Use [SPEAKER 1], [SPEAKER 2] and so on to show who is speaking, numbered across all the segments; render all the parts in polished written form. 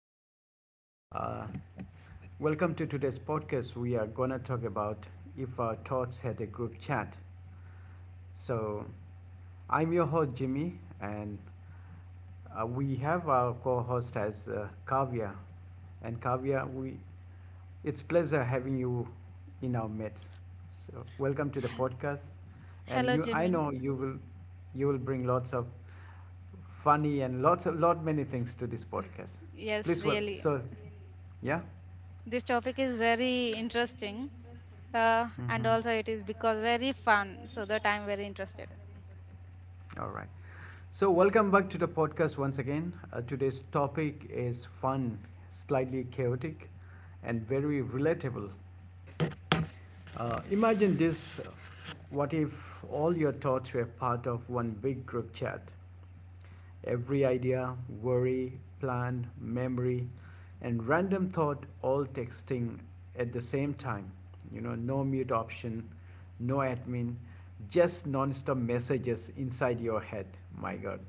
[SPEAKER 1] everybody. Uh, Welcome to today's podcast. We are gonna talk about if our thoughts had a group chat. So, I'm your host Jimmy, and we have our co-host as Kavya. And Kavya, we it's pleasure having you in our midst. So, welcome to the podcast. And
[SPEAKER 2] Hello,
[SPEAKER 1] you, I
[SPEAKER 2] Jimmy.
[SPEAKER 1] know you will bring lots of funny and lots of lot many things to this podcast.
[SPEAKER 2] Yes,
[SPEAKER 1] Please, well,
[SPEAKER 2] really.
[SPEAKER 1] so yeah.
[SPEAKER 2] This topic is very interesting. And
[SPEAKER 1] Mm-hmm.
[SPEAKER 2] also it is because very fun so that I'm very interested.
[SPEAKER 1] All right. So, welcome back to the podcast once again. Today's topic is fun, slightly chaotic, and very relatable. Imagine this, what if all your thoughts were part of one big group chat? Every idea, worry, plan, memory, and random thought all texting at the same time. You know, no mute option, no admin, just non-stop messages inside your head. My God.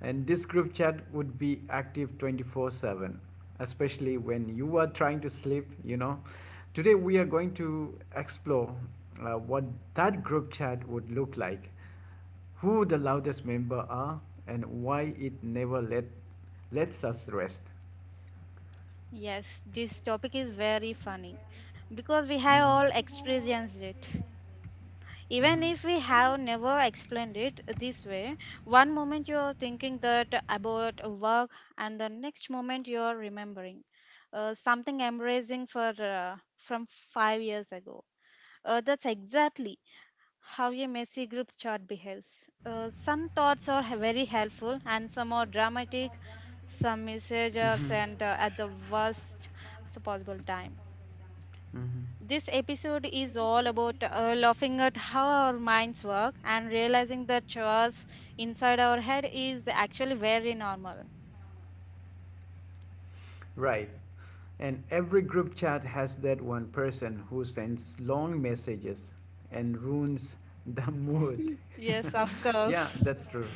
[SPEAKER 1] And this group chat would be active 24/7, especially when you are trying to sleep. You know, today we are going to explore what that group chat would look like, who the loudest member are, and why it never let, lets us rest.
[SPEAKER 2] Yes, this topic is very funny because we have all
[SPEAKER 1] Mhm,
[SPEAKER 2] experienced it even
[SPEAKER 1] mhm.
[SPEAKER 2] if we have never explained it this way. One moment you're thinking that about work, and the next moment you're remembering something embracing for from 5 years ago. That's exactly how a messy group chat behaves. Some thoughts are very helpful and some are dramatic. Some messages are sent at the worst possible time. This episode is all about laughing at how our minds work and realizing that chores inside our head is actually very normal.
[SPEAKER 1] Right. And every group chat has that one person who sends long messages and ruins the mood.
[SPEAKER 2] Yes, of
[SPEAKER 1] Yeah,
[SPEAKER 2] course.
[SPEAKER 1] that's true.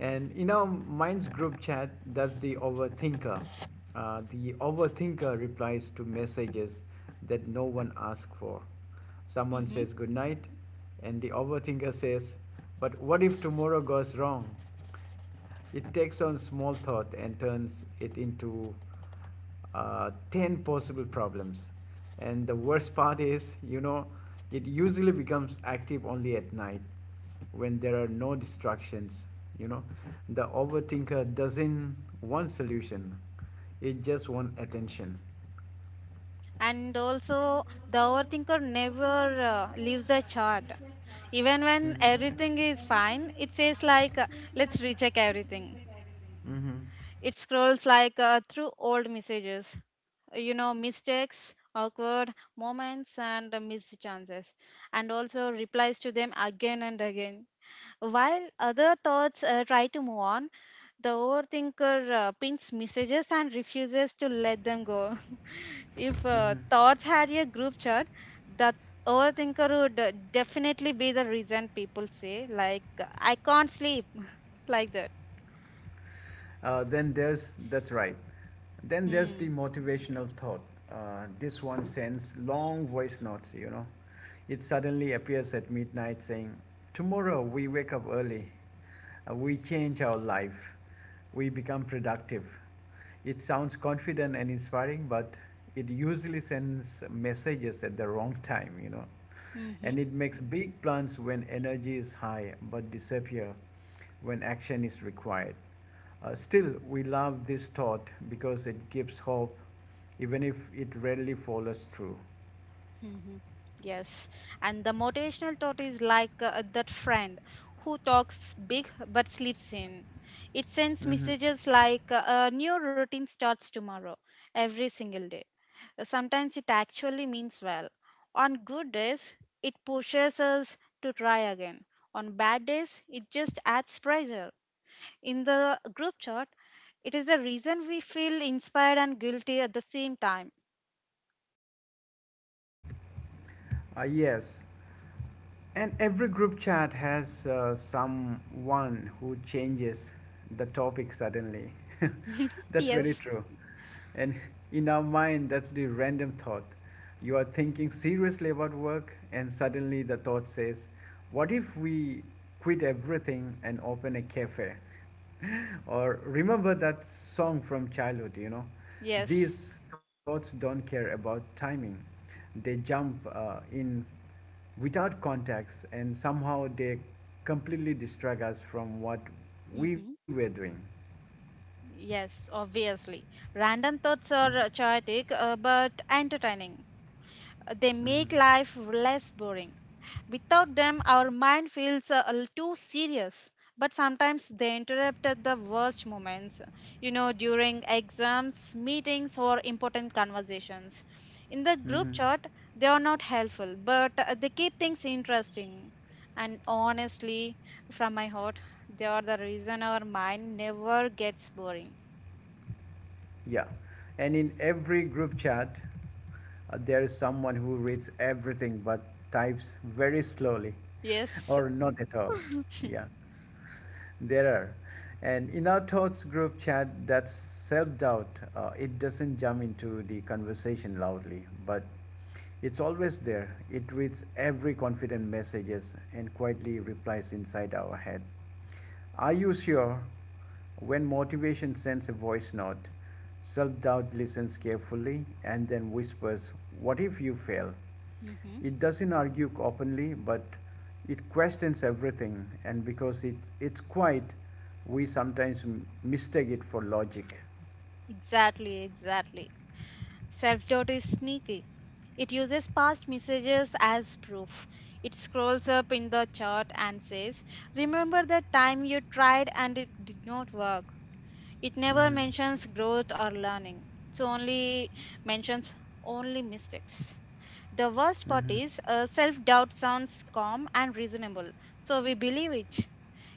[SPEAKER 1] And you know, mine's group chat, that's the overthinker. The overthinker replies to messages that no one asked for. Someone
[SPEAKER 2] Hmm.
[SPEAKER 1] says good night, and the overthinker says, but what if tomorrow goes wrong? It takes on small thought and turns it into 10 possible problems. And the worst part is, you know, it usually becomes active only at night when there are no distractions. You know, the overthinker doesn't want solution, it just wants attention.
[SPEAKER 2] And also, the overthinker never leaves the chart. Even when everything
[SPEAKER 1] Mm-hmm.
[SPEAKER 2] is fine, it says like, let's recheck everything.
[SPEAKER 1] Mm-hmm.
[SPEAKER 2] It scrolls through old messages, you know, mistakes, awkward moments, and missed chances, and also replies to them again and again. While other thoughts try to move on, the overthinker pins messages and refuses to let them go. If thoughts had a group chat, the overthinker would definitely be the reason people say, like, I can't sleep, like that.
[SPEAKER 1] That's right. Then there's the
[SPEAKER 2] Hmm.
[SPEAKER 1] motivational thought. This one sends long voice notes. You know. It suddenly appears at midnight saying, tomorrow we wake up early. We change our life. We become productive. It sounds confident and inspiring, but it usually sends messages at the wrong time. You know.
[SPEAKER 2] Hmm.
[SPEAKER 1] And it makes big plans when energy is high, but disappear when action is required. Still, we love this thought because it gives hope even if it rarely follows through.
[SPEAKER 2] Hmm. Yes, and the motivational thought is that friend who talks big but sleeps in. It sends
[SPEAKER 1] Mm-hmm.
[SPEAKER 2] messages a new routine starts tomorrow every single day. Sometimes it actually means well. On good days, it pushes us to try again. On bad days, it just adds pressure. In the group chat, it is the reason we feel inspired and guilty at the same time.
[SPEAKER 1] Yes, and every group chat has someone who changes the topic suddenly. That's very
[SPEAKER 2] Yes,
[SPEAKER 1] true. And in our mind, that's the random thought. You are thinking seriously about work, and suddenly the thought says, what if we quit everything and open a cafe? Or remember that song from childhood. You know.
[SPEAKER 2] yes.
[SPEAKER 1] These thoughts don't care about timing. They jump in without context, and somehow they completely distract us from what we
[SPEAKER 2] Mhm.
[SPEAKER 1] were doing.
[SPEAKER 2] Yes, obviously. Random thoughts
[SPEAKER 1] Mm-hmm.
[SPEAKER 2] are chaotic but entertaining. They
[SPEAKER 1] Mm-hmm.
[SPEAKER 2] make life less boring. Without them, our mind feels a little too serious. But sometimes they interrupt at the worst moments, you know, during exams, meetings, or important conversations. In the group
[SPEAKER 1] Mm-hmm.
[SPEAKER 2] chat, they are not helpful, but they keep things interesting. And honestly, from my heart, they are the reason our mind never gets boring.
[SPEAKER 1] Yeah, and in every group chat, there is someone who reads everything but types very slowly
[SPEAKER 2] Yes.
[SPEAKER 1] or not at all. Yeah, there are. And in our thoughts group chat, that self doubt, it doesn't jump into the conversation loudly, but it's always there. It reads every confident messages and quietly replies inside our head. Are you sure? When motivation sends a voice note, self doubt listens carefully and then whispers, what if you fail?
[SPEAKER 2] Hmm.
[SPEAKER 1] It doesn't argue openly, but it questions everything, and because it's quiet, we sometimes mistake it for logic.
[SPEAKER 2] Exactly, exactly. Self doubt is sneaky. It uses past messages as proof. It scrolls up in the chart and says, remember that time you tried and it did not work. It never
[SPEAKER 1] Mhm.
[SPEAKER 2] mentions growth or learning. It only mentions only mistakes. The worst part
[SPEAKER 1] Mhm.
[SPEAKER 2] is self doubt sounds calm and reasonable, so we believe it.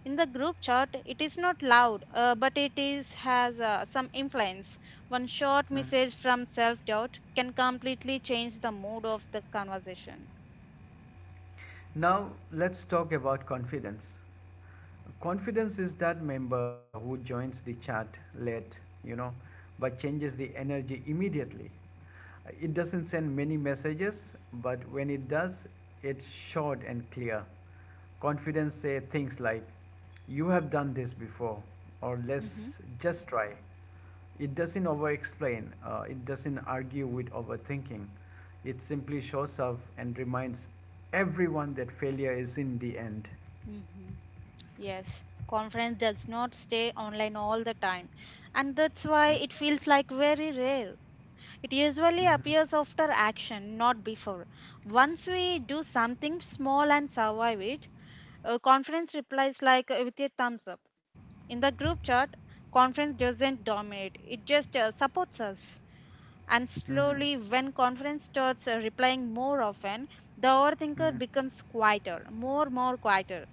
[SPEAKER 2] In the group chat, it is not loud, but it is has some influence. One short
[SPEAKER 1] Mhm.
[SPEAKER 2] message from self doubt can completely change the mood of the conversation.
[SPEAKER 1] Now, let's talk about confidence. Confidence is that member who joins the chat late, you know, but changes the energy immediately. It doesn't send many messages, but when it does, it's short and clear. Confidence say things like, "You have done this before," or
[SPEAKER 2] Mm-hmm.
[SPEAKER 1] "Let's just try." It doesn't over-explain. It doesn't argue with overthinking. It simply shows up and reminds everyone that failure is in the end.
[SPEAKER 2] Mm-hmm. Yes, conference does not stay online all the time, and that's why it feels like very rare. It usually
[SPEAKER 1] Mm-hmm. Mm-hmm.
[SPEAKER 2] appears after action, not before. Once we do something small and survive it, confidence replies with a thumbs up. In the group chat, confidence doesn't dominate, it just supports us. And
[SPEAKER 1] Mm-hmm.
[SPEAKER 2] slowly, when confidence starts replying more often, the overthinker
[SPEAKER 1] Mm-hmm.
[SPEAKER 2] becomes quieter, more quieter.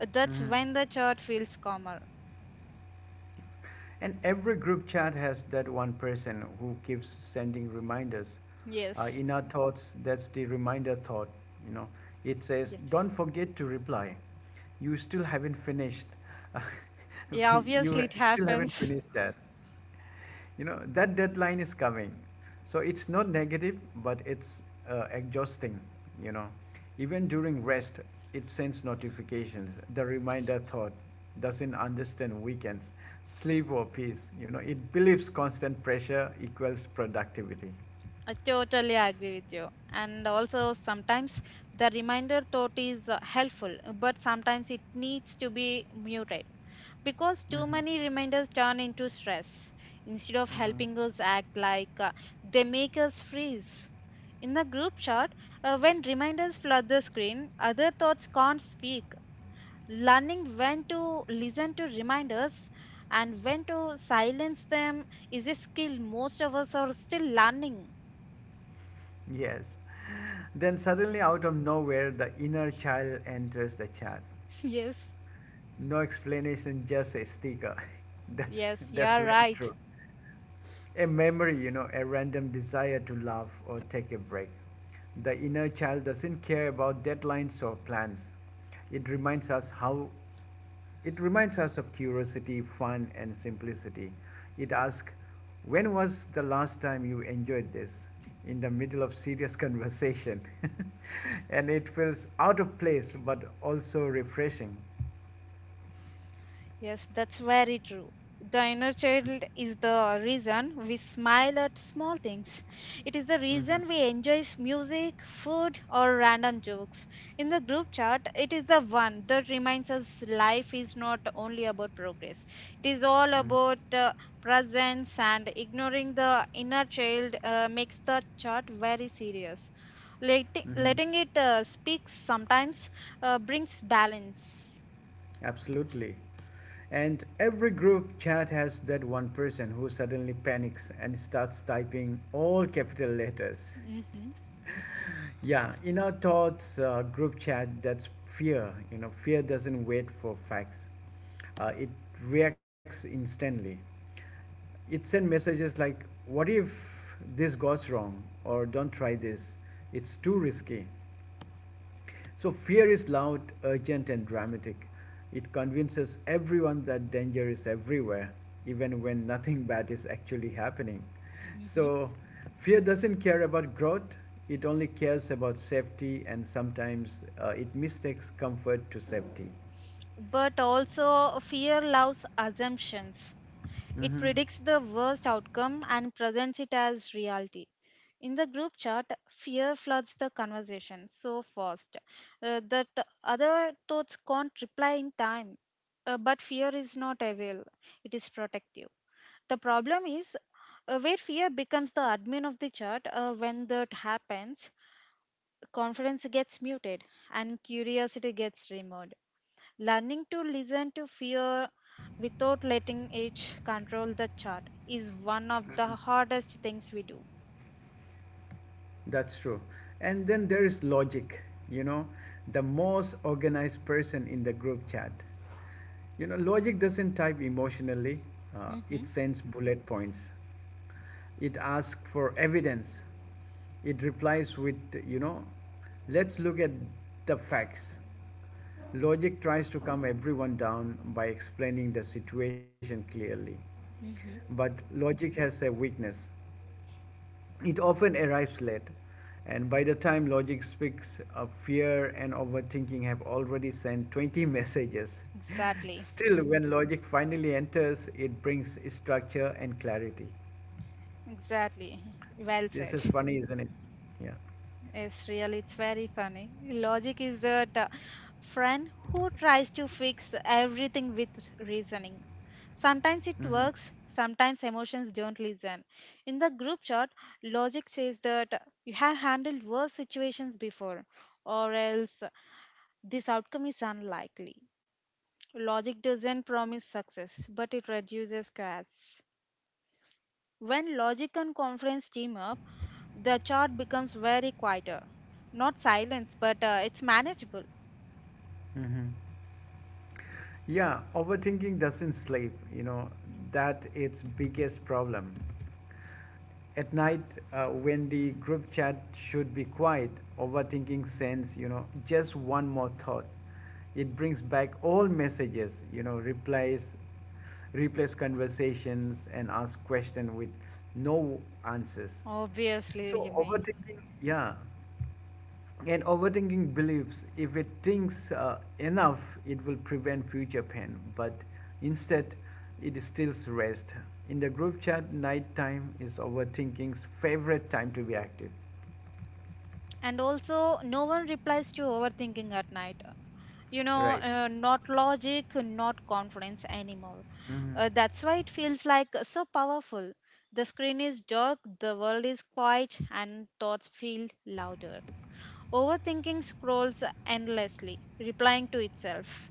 [SPEAKER 2] That's
[SPEAKER 1] Hmm.
[SPEAKER 2] when the chat feels calmer.
[SPEAKER 1] And every group chat has that one person who keeps sending reminders. Uh,
[SPEAKER 2] Yes.
[SPEAKER 1] in our thoughts, that's the reminder thought. You know, it says, "Don't
[SPEAKER 2] Yes.
[SPEAKER 1] forget to reply. You still haven't finished.
[SPEAKER 2] Yeah, obviously
[SPEAKER 1] You
[SPEAKER 2] it
[SPEAKER 1] still haven't
[SPEAKER 2] happens.
[SPEAKER 1] finished that." You know, that deadline is coming. So it's not negative, but it's exhausting. You know. Even during rest, it sends notifications. The reminder thought doesn't understand weekends, sleep or peace. You know, it believes constant pressure equals productivity.
[SPEAKER 2] I totally agree with you. And also, sometimes the reminder thought is helpful, but sometimes it needs to be muted because too
[SPEAKER 1] Mhm.
[SPEAKER 2] many reminders turn into stress instead of
[SPEAKER 1] Mm-hmm.
[SPEAKER 2] helping us act they make us freeze. In the group chat, when reminders flood the screen, other thoughts can't speak. Learning when to listen to reminders and when to silence them is a skill most of us are still learning.
[SPEAKER 1] Yes. Then suddenly, out of nowhere, the inner child enters the chat.
[SPEAKER 2] Yes,
[SPEAKER 1] No explanation, just a sticker. That's
[SPEAKER 2] yes, you
[SPEAKER 1] that's
[SPEAKER 2] are
[SPEAKER 1] very
[SPEAKER 2] right.
[SPEAKER 1] true. A memory, you know, a random desire to laugh or take a break. The inner child doesn't care about deadlines or plans. It reminds us how it reminds us of curiosity, fun and simplicity. It asks, "When was the last time you enjoyed this?" in the middle of serious conversation. And it feels out of place but also refreshing.
[SPEAKER 2] Yes, that's very true. The inner child is the reason we smile at small things. It is the
[SPEAKER 1] Mhm.
[SPEAKER 2] reason we enjoy music, food, or random jokes. In the group chat, it is the one that reminds us life is not only about progress, it is all
[SPEAKER 1] Mhm.
[SPEAKER 2] about presence, and ignoring the inner child makes the chat very serious.
[SPEAKER 1] Mhm.
[SPEAKER 2] Letting it speak sometimes brings balance.
[SPEAKER 1] Absolutely. And every group chat has that one person who suddenly panics and starts typing all capital letters.
[SPEAKER 2] Hmm.
[SPEAKER 1] Yeah, in our thoughts group chat, that's fear. You know, fear doesn't wait for facts, it reacts instantly. It sends messages like, what if this goes wrong? Or don't try this, it's too risky. So fear is loud, urgent, and dramatic. It convinces everyone that danger is everywhere, even when nothing bad is actually happening. So fear doesn't care about growth, it only cares about safety, and sometimes it mistakes comfort to safety.
[SPEAKER 2] But also, fear loves assumptions. It
[SPEAKER 1] Hmm.
[SPEAKER 2] predicts the worst outcome and presents it as reality. In the group chat, fear floods the conversation so fast that other thoughts can't reply in time. But fear is not evil, it is protective. The problem is where fear becomes the admin of the chat, when that happens confidence gets muted and curiosity gets removed. Learning to listen to fear without letting it control the chart is one of the hardest things we do.
[SPEAKER 1] That's true. And then there is logic, you know, the most organized person in the group chat. You know, logic doesn't type emotionally, uh,
[SPEAKER 2] Mm-hmm.
[SPEAKER 1] it sends bullet points. It asks for evidence. It replies with, you know, let's look at the facts. Logic tries to calm everyone down by explaining the situation clearly.
[SPEAKER 2] Mm-hmm.
[SPEAKER 1] But logic has a weakness. It often arrives late, and by the time logic speaks, fear and overthinking have already sent 20 messages.
[SPEAKER 2] Exactly.
[SPEAKER 1] Still, when logic finally enters, it brings structure and clarity.
[SPEAKER 2] Exactly. Well
[SPEAKER 1] This
[SPEAKER 2] said.
[SPEAKER 1] is funny, isn't it? Yeah.
[SPEAKER 2] It's really, it's very funny. Logic is that friend who tries to fix everything with reasoning. Sometimes it
[SPEAKER 1] Hmm.
[SPEAKER 2] works, sometimes emotions don't listen. In the group chat, logic says that you have handled worse situations before, or else this outcome is unlikely. Logic doesn't promise success, but it reduces chaos. When logic and confidence team up, the chart becomes very quieter. Not silence, but it's manageable.
[SPEAKER 1] Hmm. Yeah, overthinking doesn't sleep, you know, that its biggest problem. At night, when the group chat should be quiet, overthinking sends you know, just one more thought. It brings back all messages, you know, replies, replace conversations and ask questions with no answers.
[SPEAKER 2] Obviously,
[SPEAKER 1] So
[SPEAKER 2] Jimmy.
[SPEAKER 1] overthinking, yeah, and overthinking believes if it thinks enough, it will prevent future pain. But instead, it steals rest. In the group chat, night time is overthinking's favorite time to be active.
[SPEAKER 2] And also, no one replies to overthinking at night. You know,
[SPEAKER 1] Right.
[SPEAKER 2] not logic, not confidence anymore.
[SPEAKER 1] Mm-hmm.
[SPEAKER 2] That's why it feels like so powerful. The screen is dark, the world is quiet, and thoughts feel louder. Overthinking scrolls endlessly, replying to itself.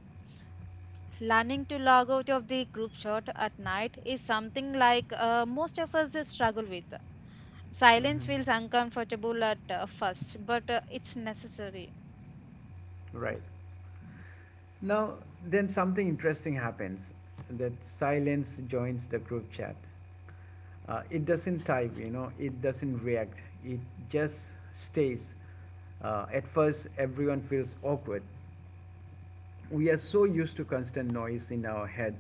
[SPEAKER 2] Learning to log out of the group shot at night is something most of us struggle with. Silence
[SPEAKER 1] Mm-hmm.
[SPEAKER 2] feels uncomfortable at first, but it's necessary.
[SPEAKER 1] Right. Now, then something interesting happens. That silence joins the group chat. It doesn't type, you know it doesn't react, it just stays. At first everyone feels awkward, we are so used to constant noise in our head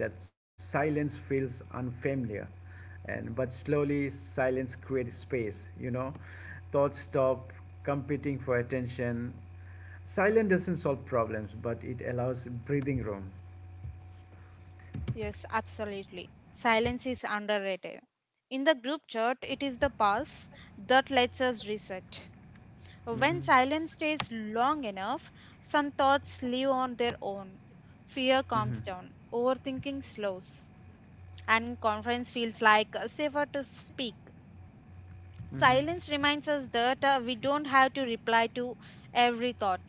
[SPEAKER 1] that silence feels unfamiliar, and but slowly silence creates space. You know thoughts stop competing for attention. Silence doesn't solve problems but it allows breathing room.
[SPEAKER 2] Yes, absolutely. Silence is underrated. In the group chat, it is the pause that lets us reset. When
[SPEAKER 1] Mm-hmm.
[SPEAKER 2] silence stays long enough, some thoughts live on their own. Fear
[SPEAKER 1] Mm-hmm.
[SPEAKER 2] calms down, overthinking slows, and confidence feels safer to speak.
[SPEAKER 1] Mm-hmm.
[SPEAKER 2] Silence reminds us that we don't have to reply to every thought.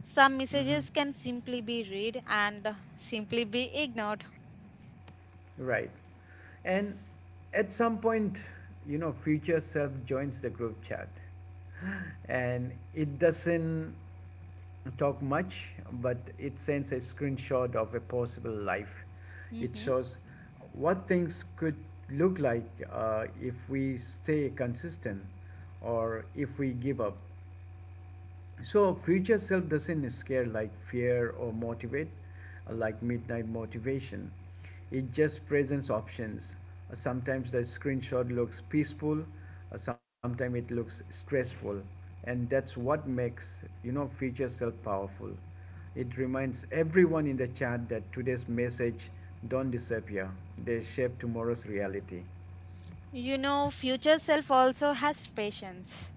[SPEAKER 2] Some
[SPEAKER 1] Mm-hmm.
[SPEAKER 2] messages can simply be read and simply be ignored.
[SPEAKER 1] Right. And at some point, you know, future self joins the group chat and it doesn't talk much, but it sends a screenshot of a possible life. It
[SPEAKER 2] Hmm.
[SPEAKER 1] shows what things could look like if we stay consistent or if we give up. So future self doesn't scare like fear or motivate, like midnight motivation. It just presents options. Sometimes the screenshot looks peaceful, sometimes it looks stressful, and that's what makes you know future self powerful. It reminds everyone in the chat that today's message don't disappear; they shape tomorrow's reality.
[SPEAKER 2] You know, future self also has patience.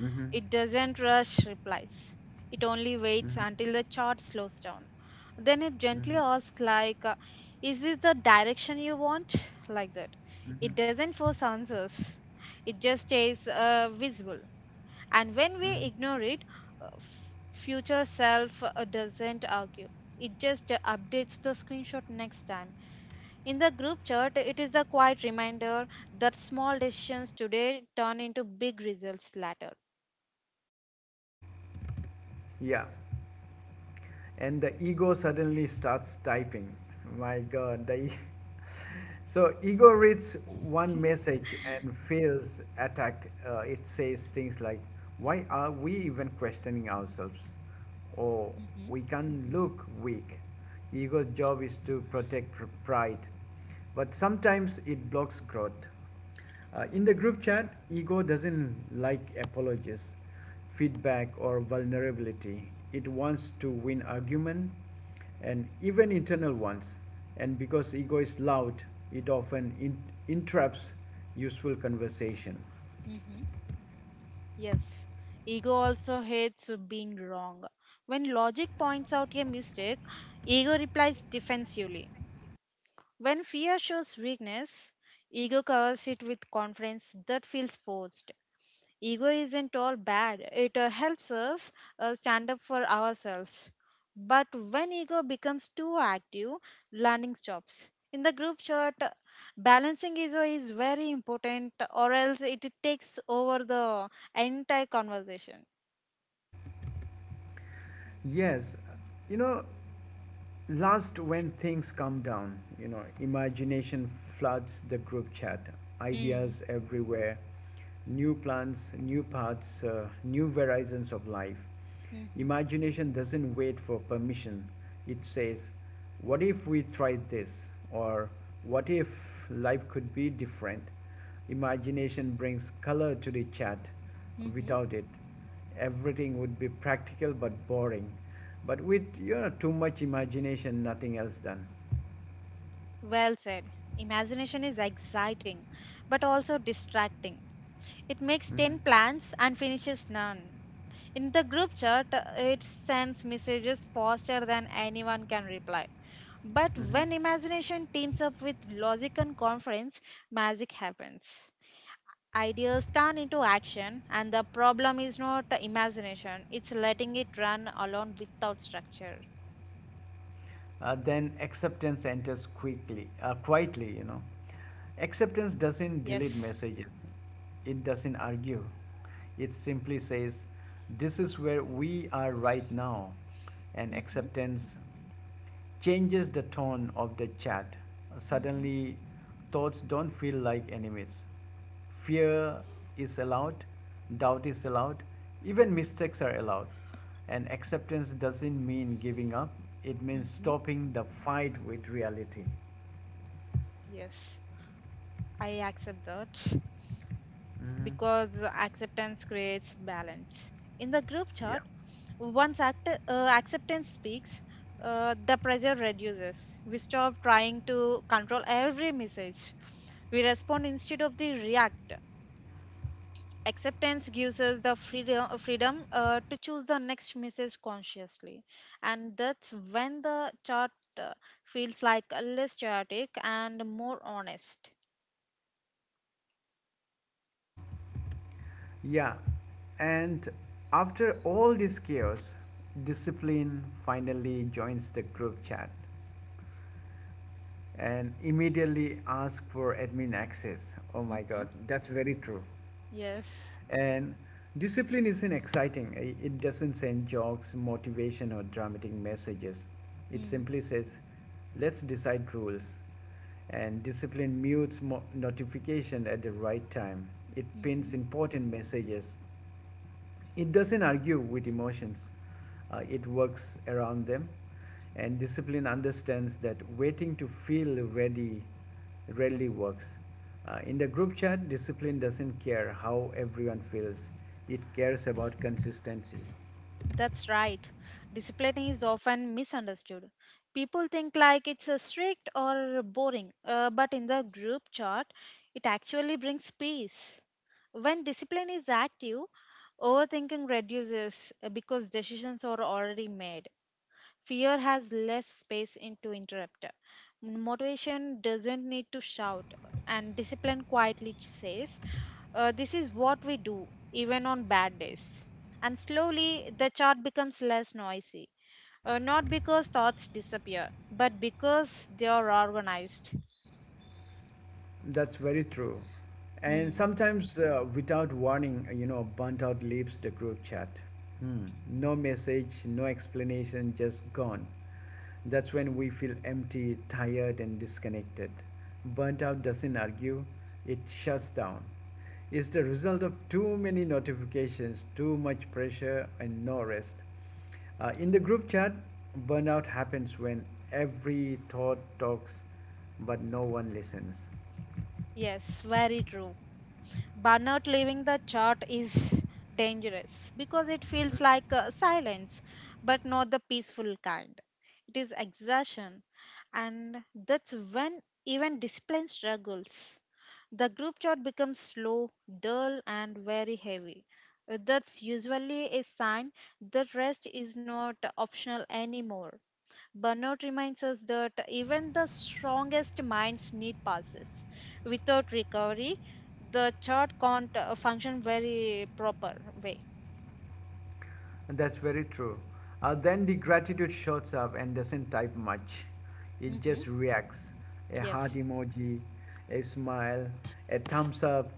[SPEAKER 1] Hmm.
[SPEAKER 2] It doesn't rush replies. It only waits
[SPEAKER 1] Hmm.
[SPEAKER 2] until the chart slows down. Then it gently asks, like, is this the direction you want? Like that. It
[SPEAKER 1] Hmm.
[SPEAKER 2] doesn't force answers. It just stays visible. And when we
[SPEAKER 1] Hmm.
[SPEAKER 2] ignore it, future self doesn't argue. It just updates the screenshot next time. In the group chat, it is a quiet reminder that small decisions today turn into big results later.
[SPEAKER 1] Yeah. And the ego suddenly starts typing. My God, so ego reads one message and feels attacked. It says things like, "Why are we even questioning ourselves?" or
[SPEAKER 2] Mm-hmm.
[SPEAKER 1] "We can look weak." Ego's job is to protect pride, but sometimes it blocks growth. In the group chat, ego doesn't like apologies, feedback, or vulnerability. It wants to win argument and even internal ones. And because ego is loud, it often interrupts useful conversation.
[SPEAKER 2] Mm-hmm. Yes. Ego also hates being wrong. When logic points out a mistake, ego replies defensively. When fear shows weakness, ego covers it with confidence that feels forced. Ego isn't all bad, it helps us stand up for ourselves. But when ego becomes too active, learning stops. In the group chat, balancing ego is very important, or else it takes over the entire conversation.
[SPEAKER 1] Yes, you know, last, when things calm down, you know, imagination floods the group chat.
[SPEAKER 2] Mm-hmm.
[SPEAKER 1] Ideas everywhere, new plans, new paths, new horizons of life. Imagination doesn't wait for permission. It says, what if we tried this? Or what if life could be different? Imagination brings color to the chat.
[SPEAKER 2] Mm-hmm.
[SPEAKER 1] Without it, everything would be practical but boring. But with you know too much imagination, nothing else done.
[SPEAKER 2] Well said. Imagination is exciting, but also distracting. It makes 10
[SPEAKER 1] Hmm.
[SPEAKER 2] plans and finishes none. In the group chat, it sends messages faster than anyone can reply. But
[SPEAKER 1] Hmm.
[SPEAKER 2] when imagination teams up with logic and conference, magic happens. Ideas turn into action, and the problem is not the imagination, it's letting it run alone without structure.
[SPEAKER 1] Then acceptance enters quickly, quietly. You know, acceptance doesn't delete
[SPEAKER 2] Yes.
[SPEAKER 1] messages. It doesn't argue. It simply says, "This is where we are right now," and
[SPEAKER 2] Mm-hmm.
[SPEAKER 1] acceptance changes the tone of the chat.
[SPEAKER 2] Mm-hmm.
[SPEAKER 1] Suddenly, thoughts don't feel like enemies. Fear is allowed, doubt is allowed, even mistakes are allowed. And acceptance doesn't mean giving up, it means
[SPEAKER 2] Mm-hmm.
[SPEAKER 1] stopping the fight with reality.
[SPEAKER 2] Yes. I accept that
[SPEAKER 1] Mhm.
[SPEAKER 2] because acceptance creates balance. In the group
[SPEAKER 1] Yeah.
[SPEAKER 2] chat. Once acceptance speaks, the pressure reduces. We stop trying to control every message. We respond instead of the react. Acceptance gives us the freedom to choose the next message consciously, and that's when the chart uh, feels like less chaotic and more honest.
[SPEAKER 1] Yeah. And after all this chaos, discipline finally joins the group chat and immediately ask for admin access. Oh my
[SPEAKER 2] Hmm.
[SPEAKER 1] god, that's very true.
[SPEAKER 2] Yes.
[SPEAKER 1] And discipline isn't exciting, it doesn't send jokes, motivation, or dramatic messages. It
[SPEAKER 2] Hmm.
[SPEAKER 1] simply says, let's decide rules. And discipline mutes notification at the right time. It pins
[SPEAKER 2] Mhm.
[SPEAKER 1] important messages. It doesn't argue with emotions, it works around them. And discipline understands that waiting to feel ready rarely works. In the group chat, discipline doesn't care how everyone feels, it cares about consistency.
[SPEAKER 2] That's right. Discipline is often misunderstood. People think like it's strict or boring, but in the group chart, it actually brings peace. When discipline is active, overthinking reduces because decisions are already made. Fear has less space into interrupter. Motivation doesn't need to shout, and discipline quietly says, this is what we do, even on bad days. And slowly, the chart becomes less noisy. Not because thoughts disappear, but because they are organized.
[SPEAKER 1] That's very true. And
[SPEAKER 2] Hmm.
[SPEAKER 1] sometimes, without warning, you know, burnt out leaves the group chat. Hmm. No message, no explanation, just gone. That's when we feel empty, tired, and disconnected. Burnt out doesn't argue, it shuts down. It's the result of too many notifications, too much pressure, and no rest. In the group chat, burnout happens when every thought talks but no one listens.
[SPEAKER 2] Yes, very true. Burnout leaving the chart is dangerous because it feels silence, but not the peaceful kind. It is exhaustion, and that's when even discipline struggles. The group chart becomes slow, dull, and very heavy. That's usually a sign that rest is not optional anymore. Burnout reminds us that even the strongest minds need pauses. Without recovery, the chart can't function very proper way.
[SPEAKER 1] And that's very true. Then the gratitude shows up and doesn't type much. It
[SPEAKER 2] Hmm.
[SPEAKER 1] just reacts a heart
[SPEAKER 2] Yes.
[SPEAKER 1] emoji, a smile, a thumbs up,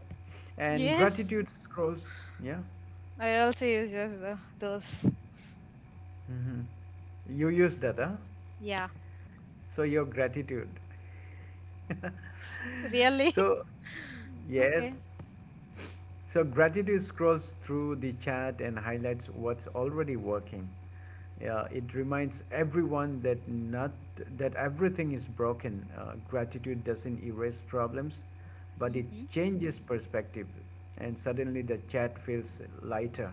[SPEAKER 1] and
[SPEAKER 2] Yes,
[SPEAKER 1] gratitude scrolls. Yeah.
[SPEAKER 2] I also use those. Those.
[SPEAKER 1] Hmm. You use that, huh?
[SPEAKER 2] Yeah,
[SPEAKER 1] So, your gratitude.
[SPEAKER 2] really.
[SPEAKER 1] So, yes.
[SPEAKER 2] Okay.
[SPEAKER 1] So gratitude scrolls through the chat and highlights what's already working. It reminds everyone that not that everything is broken. Gratitude doesn't erase problems, but it
[SPEAKER 2] Mm-hmm.
[SPEAKER 1] changes perspective, and suddenly the chat feels lighter.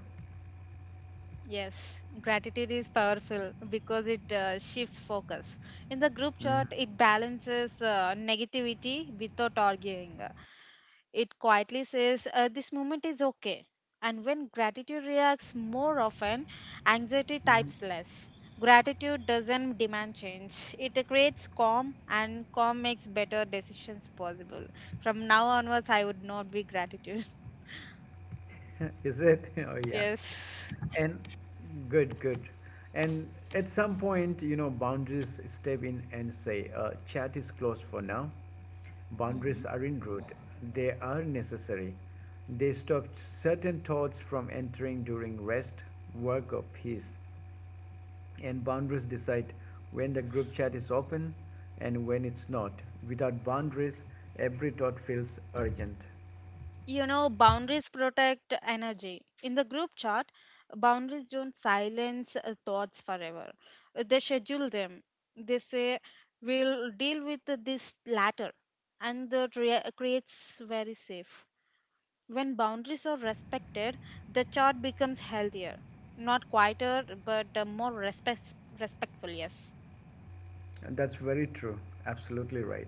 [SPEAKER 2] Yes, gratitude is powerful because it shifts focus. In the group chat,
[SPEAKER 1] Mhm,
[SPEAKER 2] it balances negativity without arguing. It quietly says, this moment is okay. And when gratitude reacts more often, anxiety
[SPEAKER 1] mhm.
[SPEAKER 2] types less. Gratitude doesn't demand change, it creates calm, and calm makes better decisions possible. From now onwards, I would not be gratitude.
[SPEAKER 1] Is it? Oh yeah.
[SPEAKER 2] Yes.
[SPEAKER 1] And good. And at some point, you know, boundaries step in and say, chat is closed for now. Boundaries aren't rude, they are necessary. They stop certain thoughts from entering during rest, work, or peace. And boundaries decide when the group chat is open and when it's not. Without boundaries, every thought feels urgent.
[SPEAKER 2] You know, boundaries protect energy. In the group chat, boundaries don't silence thoughts forever. They schedule them. They say, we'll deal with this later. And that creates very safe. When boundaries are respected, the chat becomes healthier. Not quieter, but more respectful, yes.
[SPEAKER 1] That's very true. Absolutely right.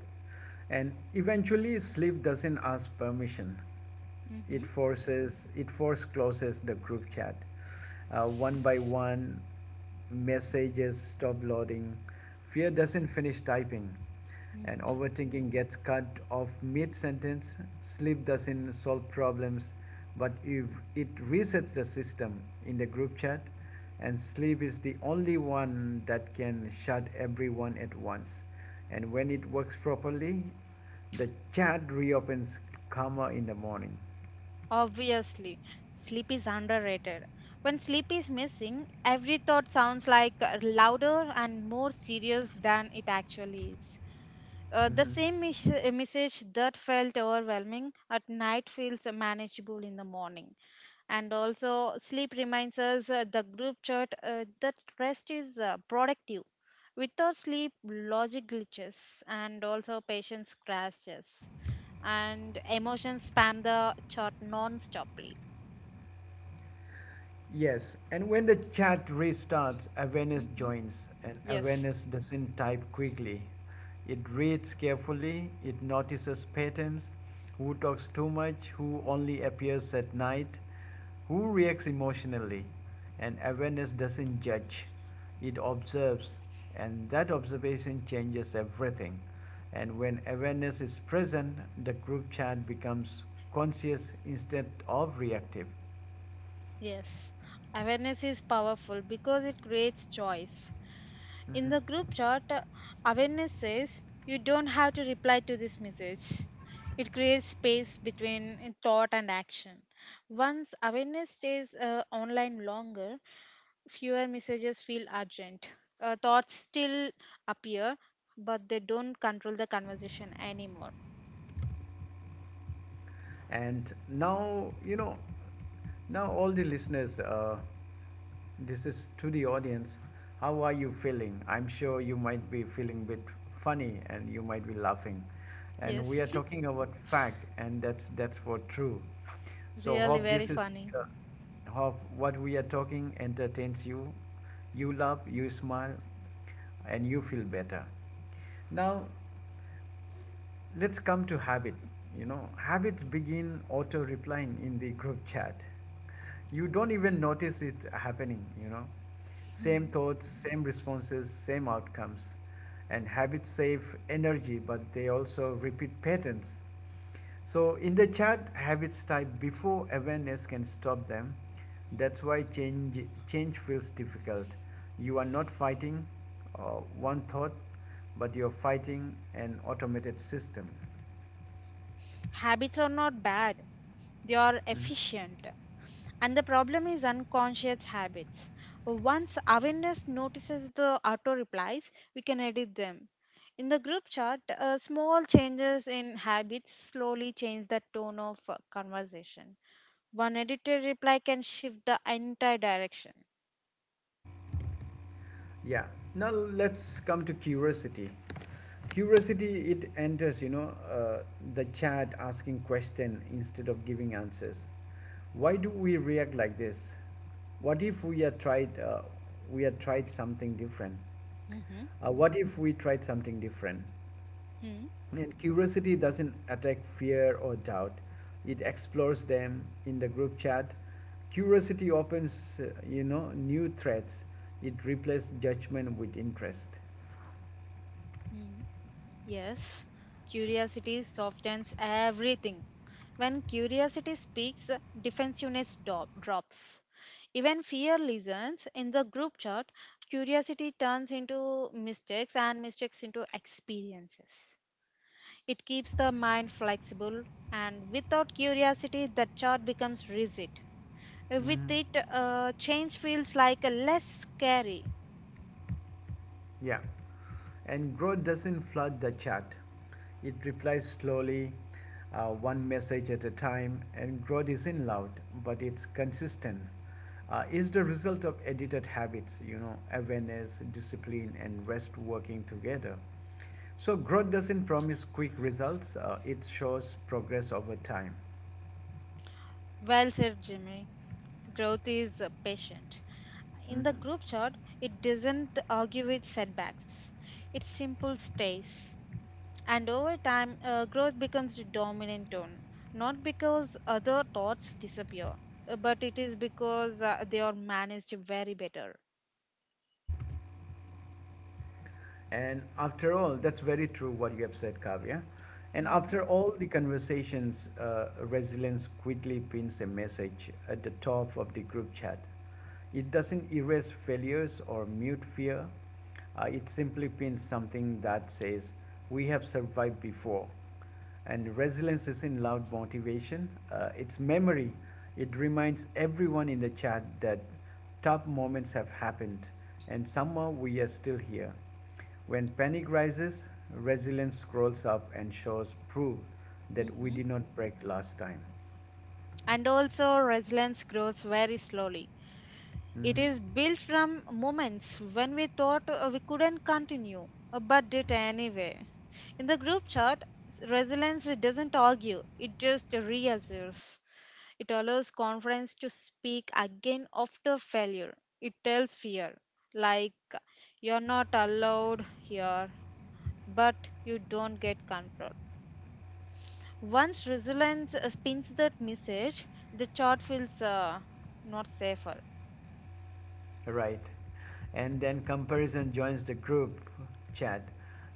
[SPEAKER 1] And eventually, sleep doesn't ask permission,
[SPEAKER 2] Mm-hmm.
[SPEAKER 1] it force closes the group chat. One by one, messages stop loading. Fear doesn't finish typing, and overthinking gets cut off mid sentence. Sleep doesn't solve problems, but if it resets the system in the group chat, and sleep is the only one that can shut everyone at once. And when it works properly, the chat reopens calmer in the morning.
[SPEAKER 2] Obviously, sleep is underrated. When sleep is missing, every thought sounds like louder and more serious than it actually is. The
[SPEAKER 1] Mm-hmm.
[SPEAKER 2] same message that felt overwhelming at night feels manageable in the morning. And also, sleep reminds us the group chat that rest is productive. Without sleep, logic glitches and also patience crashes and emotions spam the chart non-stoply.
[SPEAKER 1] Yes, and when the chat restarts, awareness
[SPEAKER 2] hmm
[SPEAKER 1] joins, and
[SPEAKER 2] Yes.
[SPEAKER 1] awareness doesn't type quickly. It reads carefully, it notices patterns, who talks too much, who only appears at night, who reacts emotionally. And awareness doesn't judge, it observes, and that observation changes everything. And when awareness is present, the group chat becomes conscious instead of reactive.
[SPEAKER 2] Yes, awareness is powerful because it creates choice. In the group chat, awareness says you don't have to reply to this message. It creates space between thought and action. Once awareness stays online longer, fewer messages feel urgent. Thoughts still appear, but they don't control the conversation anymore.
[SPEAKER 1] And now, you know, now all the listeners, this is to the audience. How are you feeling? I'm sure you might be feeling a bit funny and you might be laughing. And
[SPEAKER 2] Yes.
[SPEAKER 1] we are talking about fact, and that's for true. So
[SPEAKER 2] Really
[SPEAKER 1] hope
[SPEAKER 2] very
[SPEAKER 1] this is
[SPEAKER 2] funny.
[SPEAKER 1] uh, hope what we are talking entertains you. You laugh, you smile, and you feel better. Now, let's come to habit. You know, habits begin auto replying in the group chat. You don't even notice it happening, you know,
[SPEAKER 2] Hmm.
[SPEAKER 1] same thoughts, same responses, same outcomes, and habits save energy, but they also repeat patterns. So in the chart, habits type before awareness can stop them. That's why change feels difficult. You are not fighting one thought, but you're fighting an automated system.
[SPEAKER 2] Habits are not bad, they are
[SPEAKER 1] Mm.
[SPEAKER 2] efficient. And the problem is unconscious habits. Once awareness notices the auto replies, we can edit them. In the group chat, small changes in habits slowly change the tone of conversation. One edited reply can shift the entire direction.
[SPEAKER 1] Yeah. Now let's come to curiosity. Curiosity, it enters, you know, the chat asking question instead of giving answers. Why do we react like this? What if we had tried we had tried something different?
[SPEAKER 2] Mhm.
[SPEAKER 1] What if we tried something different.
[SPEAKER 2] Hmm.
[SPEAKER 1] And curiosity doesn't attack fear or doubt, it explores them in the group chat. Curiosity opens, you know, new threads. It replaces judgment with interest.
[SPEAKER 2] Hmm. Yes, curiosity softens everything. When curiosity speaks, defensiveness drops. Even fear listens. In the group chat, curiosity turns into mistakes and mistakes into experiences. It keeps the mind flexible, and without curiosity, the chart becomes rigid. With
[SPEAKER 1] Mhm.
[SPEAKER 2] it, change feels like less scary.
[SPEAKER 1] Yeah. And growth doesn't flood the chat. It replies slowly, one message at a time, and growth isn't loud, but it's consistent. Is the result of edited habits, you know, awareness, discipline, and rest working together. So growth doesn't promise quick results. It shows progress over time.
[SPEAKER 2] Well said, Jimmy. Growth is patient. In the
[SPEAKER 1] Mhm.
[SPEAKER 2] group chart, it doesn't argue with setbacks. It simple stays. And over time, growth becomes the dominant tone. Not because other thoughts disappear, but it is because they are managed very better.
[SPEAKER 1] And after all, that's very true what you have said, Kavya. And after all the conversations, resilience quickly pins a message at the top of the group chat. It doesn't erase failures or mute fear. It simply pins something that says, we have survived before. And resilience isn't loud motivation, it's memory. It reminds everyone in the chat that tough moments have happened and somehow we are still here. When panic rises, resilience scrolls up and shows proof that we
[SPEAKER 2] Mm-hmm.
[SPEAKER 1] did not break last time.
[SPEAKER 2] And also, resilience grows very slowly. It
[SPEAKER 1] Hmm.
[SPEAKER 2] is built from moments when we thought we couldn't continue, but did anyway. In the group chat, resilience doesn't argue, it just reassures. It allows confidence to speak again after failure. It tells fear, like, you're not allowed here, but you don't get control. Once resilience spins that message, the chart feels not safer.
[SPEAKER 1] Right. And then comparison joins the group chat.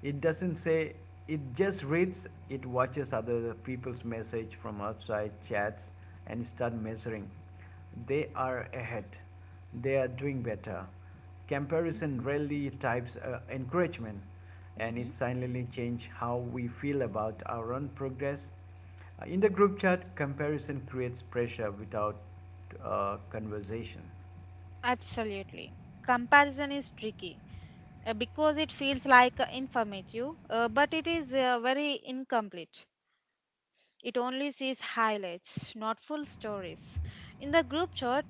[SPEAKER 1] It doesn't say, it just reads, it watches other people's message from outside chats and start measuring. They are ahead, they are doing better. Comparison rarely types encouragement, and
[SPEAKER 2] Mm-hmm.
[SPEAKER 1] it silently change how we feel about our own progress. In the group chat, comparison creates pressure without conversation.
[SPEAKER 2] Absolutely. Comparison is tricky because it feels like informative, but it is very incomplete. It only sees highlights, not full stories. In the group chat,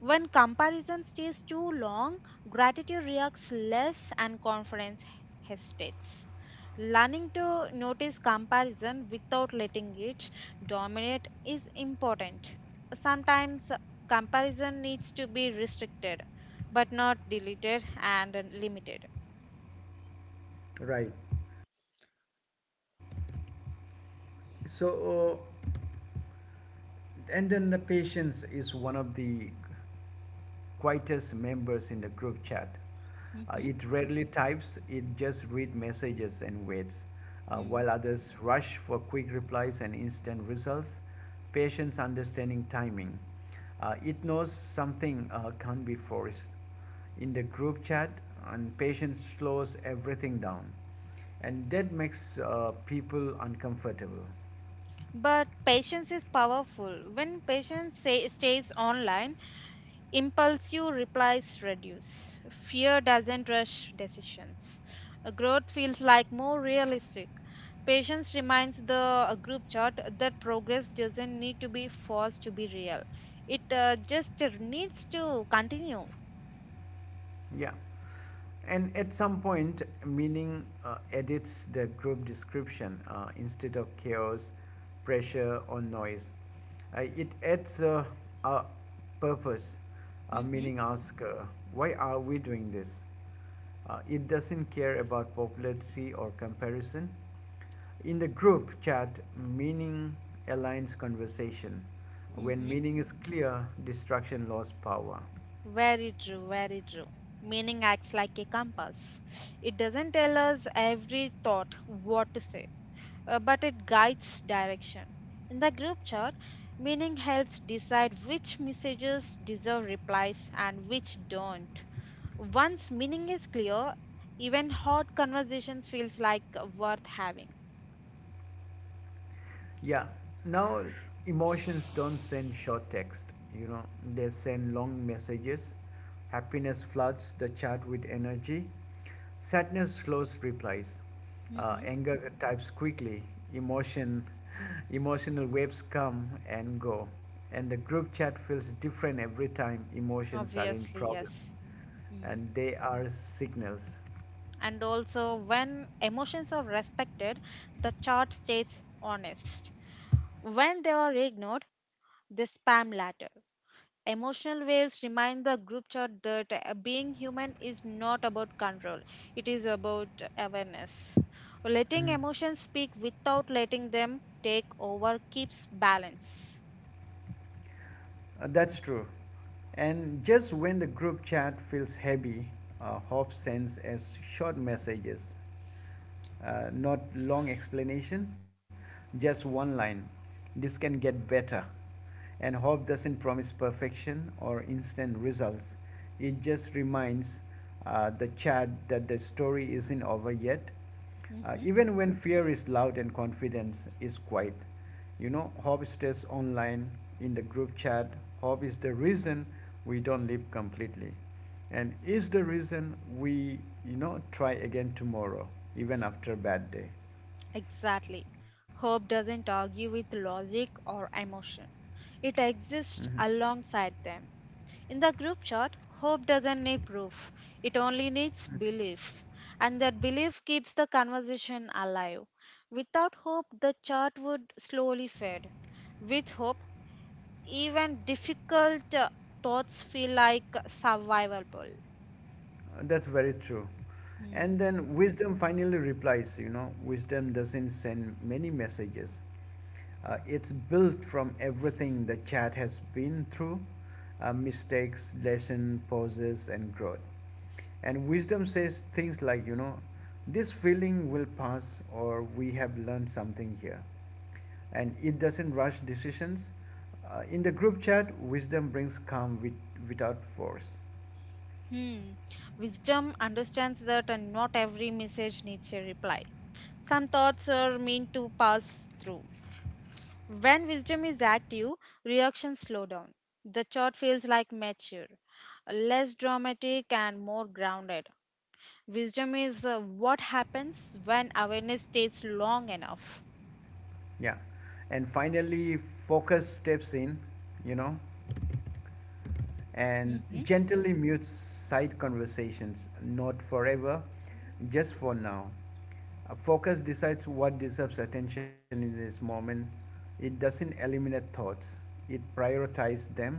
[SPEAKER 2] when comparison stays too long, gratitude reacts less and confidence hesitates. Learning to notice comparison without letting it dominate is important. Sometimes comparison needs to be restricted, but not deleted and limited.
[SPEAKER 1] Right. So, and then the patience is one of the quietest members in the group chat.
[SPEAKER 2] Mhm.
[SPEAKER 1] It rarely types, it just reads messages and waits.
[SPEAKER 2] Mm.
[SPEAKER 1] While others rush for quick replies and instant results, patience understanding timing. It knows something can't be forced. In the group chat, and patience slows everything down. And that makes people uncomfortable.
[SPEAKER 2] But patience is powerful. When patience say, stays online, impulsive replies reduce. Fear doesn't rush decisions. Growth feels like more realistic. Patience reminds the group chat that progress doesn't need to be forced to be real. It just needs to continue.
[SPEAKER 1] Yeah. And at some point, meaning edits the group description instead of chaos, pressure, or noise. It adds a purpose,
[SPEAKER 2] hmm
[SPEAKER 1] meaning asks, why are we doing this? It doesn't care about popularity or comparison. In the group chat, meaning aligns conversation. When
[SPEAKER 2] hmm
[SPEAKER 1] meaning is clear, distraction lost power.
[SPEAKER 2] Very true, very true. Meaning acts like a compass. It doesn't tell us every thought what to say, but it guides direction. In the group chat, meaning helps decide which messages deserve replies and which don't. Once meaning is clear, even hot conversations feels like worth having.
[SPEAKER 1] Yeah. Now, emotions don't send short text, you know, they send long messages. Happiness floods the chat with energy. Sadness slows replies.
[SPEAKER 2] hmm
[SPEAKER 1] Anger types quickly. Emotion, Emotional waves come and go. And the group chat feels different every time emotions are in
[SPEAKER 2] Obviously,
[SPEAKER 1] problem.
[SPEAKER 2] yes. Hmm.
[SPEAKER 1] And they are signals.
[SPEAKER 2] And also, when emotions are respected, the chart stays honest. When they are ignored, they spam ladder. Emotional waves remind the group chat that being human is not about control, it is about awareness. Letting
[SPEAKER 1] Mhm.
[SPEAKER 2] emotions speak without letting them take over keeps balance.
[SPEAKER 1] That's true. And just when the group chat feels heavy, hope sends us short messages, not long explanation, just one line. This can get better. And hope doesn't promise perfection or instant results. It just reminds the chat that the story isn't over yet,
[SPEAKER 2] Mhm.
[SPEAKER 1] even when fear is loud and confidence is quiet. You know, hope stays online in the group chat. Hope is the reason we don't live completely. And is the reason we, you know, try again tomorrow, even after a bad day.
[SPEAKER 2] Exactly. Hope doesn't argue with logic or emotion. It exists
[SPEAKER 1] Mhm.
[SPEAKER 2] alongside them. In the group chat, hope doesn't need proof. It only needs belief. And that belief keeps the conversation alive. Without hope, the chat would slowly fade. With hope, even difficult thoughts feel like survivable.
[SPEAKER 1] That's very true. And then wisdom finally replies, you know, wisdom doesn't send many messages. It's built from everything the chat has been through, mistakes, lesson, pauses, and growth. And wisdom says things like, you know, this feeling will pass, or we have learned something here. And it doesn't rush decisions. In the group chat, wisdom brings calm without force.
[SPEAKER 2] Hmm. Wisdom understands that and not every message needs a reply. Some thoughts are meant to pass through. When wisdom is active, reactions slow down. The chart feels like mature, less dramatic, and more grounded. Wisdom is what happens when awareness stays long enough.
[SPEAKER 1] Yeah. And finally, focus steps in, you know, and
[SPEAKER 2] Mm-hmm.
[SPEAKER 1] gently mutes side conversations, not forever, just for now. Focus decides what deserves attention in this moment. It doesn't eliminate thoughts, it prioritizes them.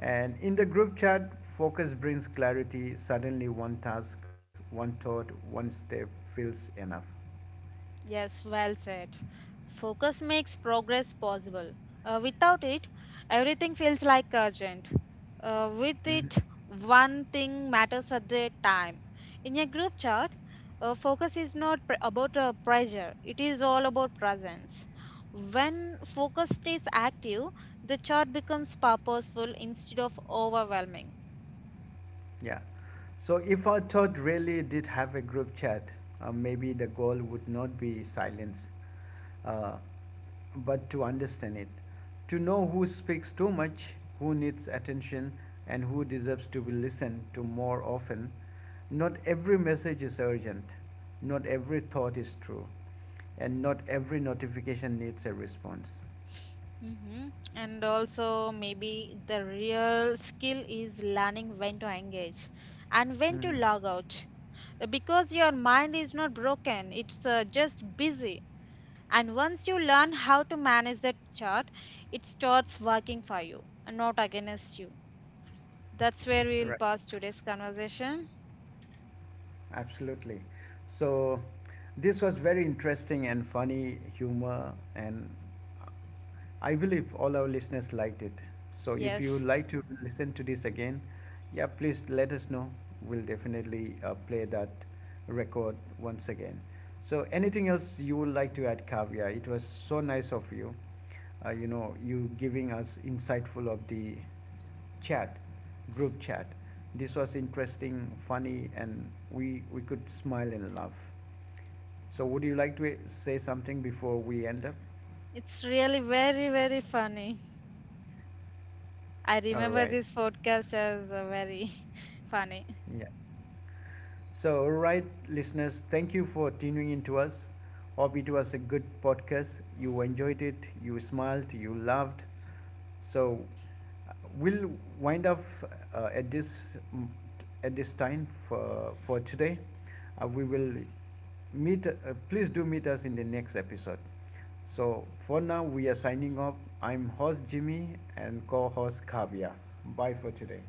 [SPEAKER 1] And in the group chat, focus brings clarity. Suddenly, one task, one thought, one step feels enough.
[SPEAKER 2] Yes, well said. Focus makes progress possible. Without it, everything feels like urgent. With
[SPEAKER 1] Mhm.
[SPEAKER 2] it, one thing matters at the time. In a group chat, focus is not about pressure, it is all about presence. When focus stays active, the chat becomes purposeful instead of overwhelming.
[SPEAKER 1] Yeah. So, if our thought really did have a group chat, maybe the goal would not be silence. Uh, but to understand it. To know who speaks too much, who needs attention, and who deserves to be listened to more often. Not every message is urgent, not every thought is true, and not every notification needs a response.
[SPEAKER 2] Mm-hmm. And also, maybe the real skill is learning when to engage and when to
[SPEAKER 1] Hmm.
[SPEAKER 2] log out. Because your mind is not broken, it's just busy. And once you learn how to manage that chart, it starts working for you and not against you. That's where we'll
[SPEAKER 1] Right,
[SPEAKER 2] pause today's conversation.
[SPEAKER 1] absolutely. So, this was very interesting and funny humor, and I believe all our listeners liked it. So if you would
[SPEAKER 2] Yes,
[SPEAKER 1] like to listen to this again, yeah, please let us know. We'll definitely play that record once again. So anything else you would like to add, Kavya? It was so nice of you. You know, you giving us insightful of the chat, group chat. This was interesting, funny, and we could smile and laugh. So would you like to say something before we end up?
[SPEAKER 2] it's really very, very funny. I
[SPEAKER 1] All
[SPEAKER 2] remember
[SPEAKER 1] right.
[SPEAKER 2] this podcast as very funny.
[SPEAKER 1] Yeah. So, all right, listeners, thank you for tuning in to us. Hope it was a good podcast. You enjoyed it, you smiled, you laughed. So, uh, we'll wind up at this mm, at this time for today. We will meet. Please do meet us in the next episode. So, for now, we are signing off. I'm host Jimmy and co-host Kavya. Bye for today.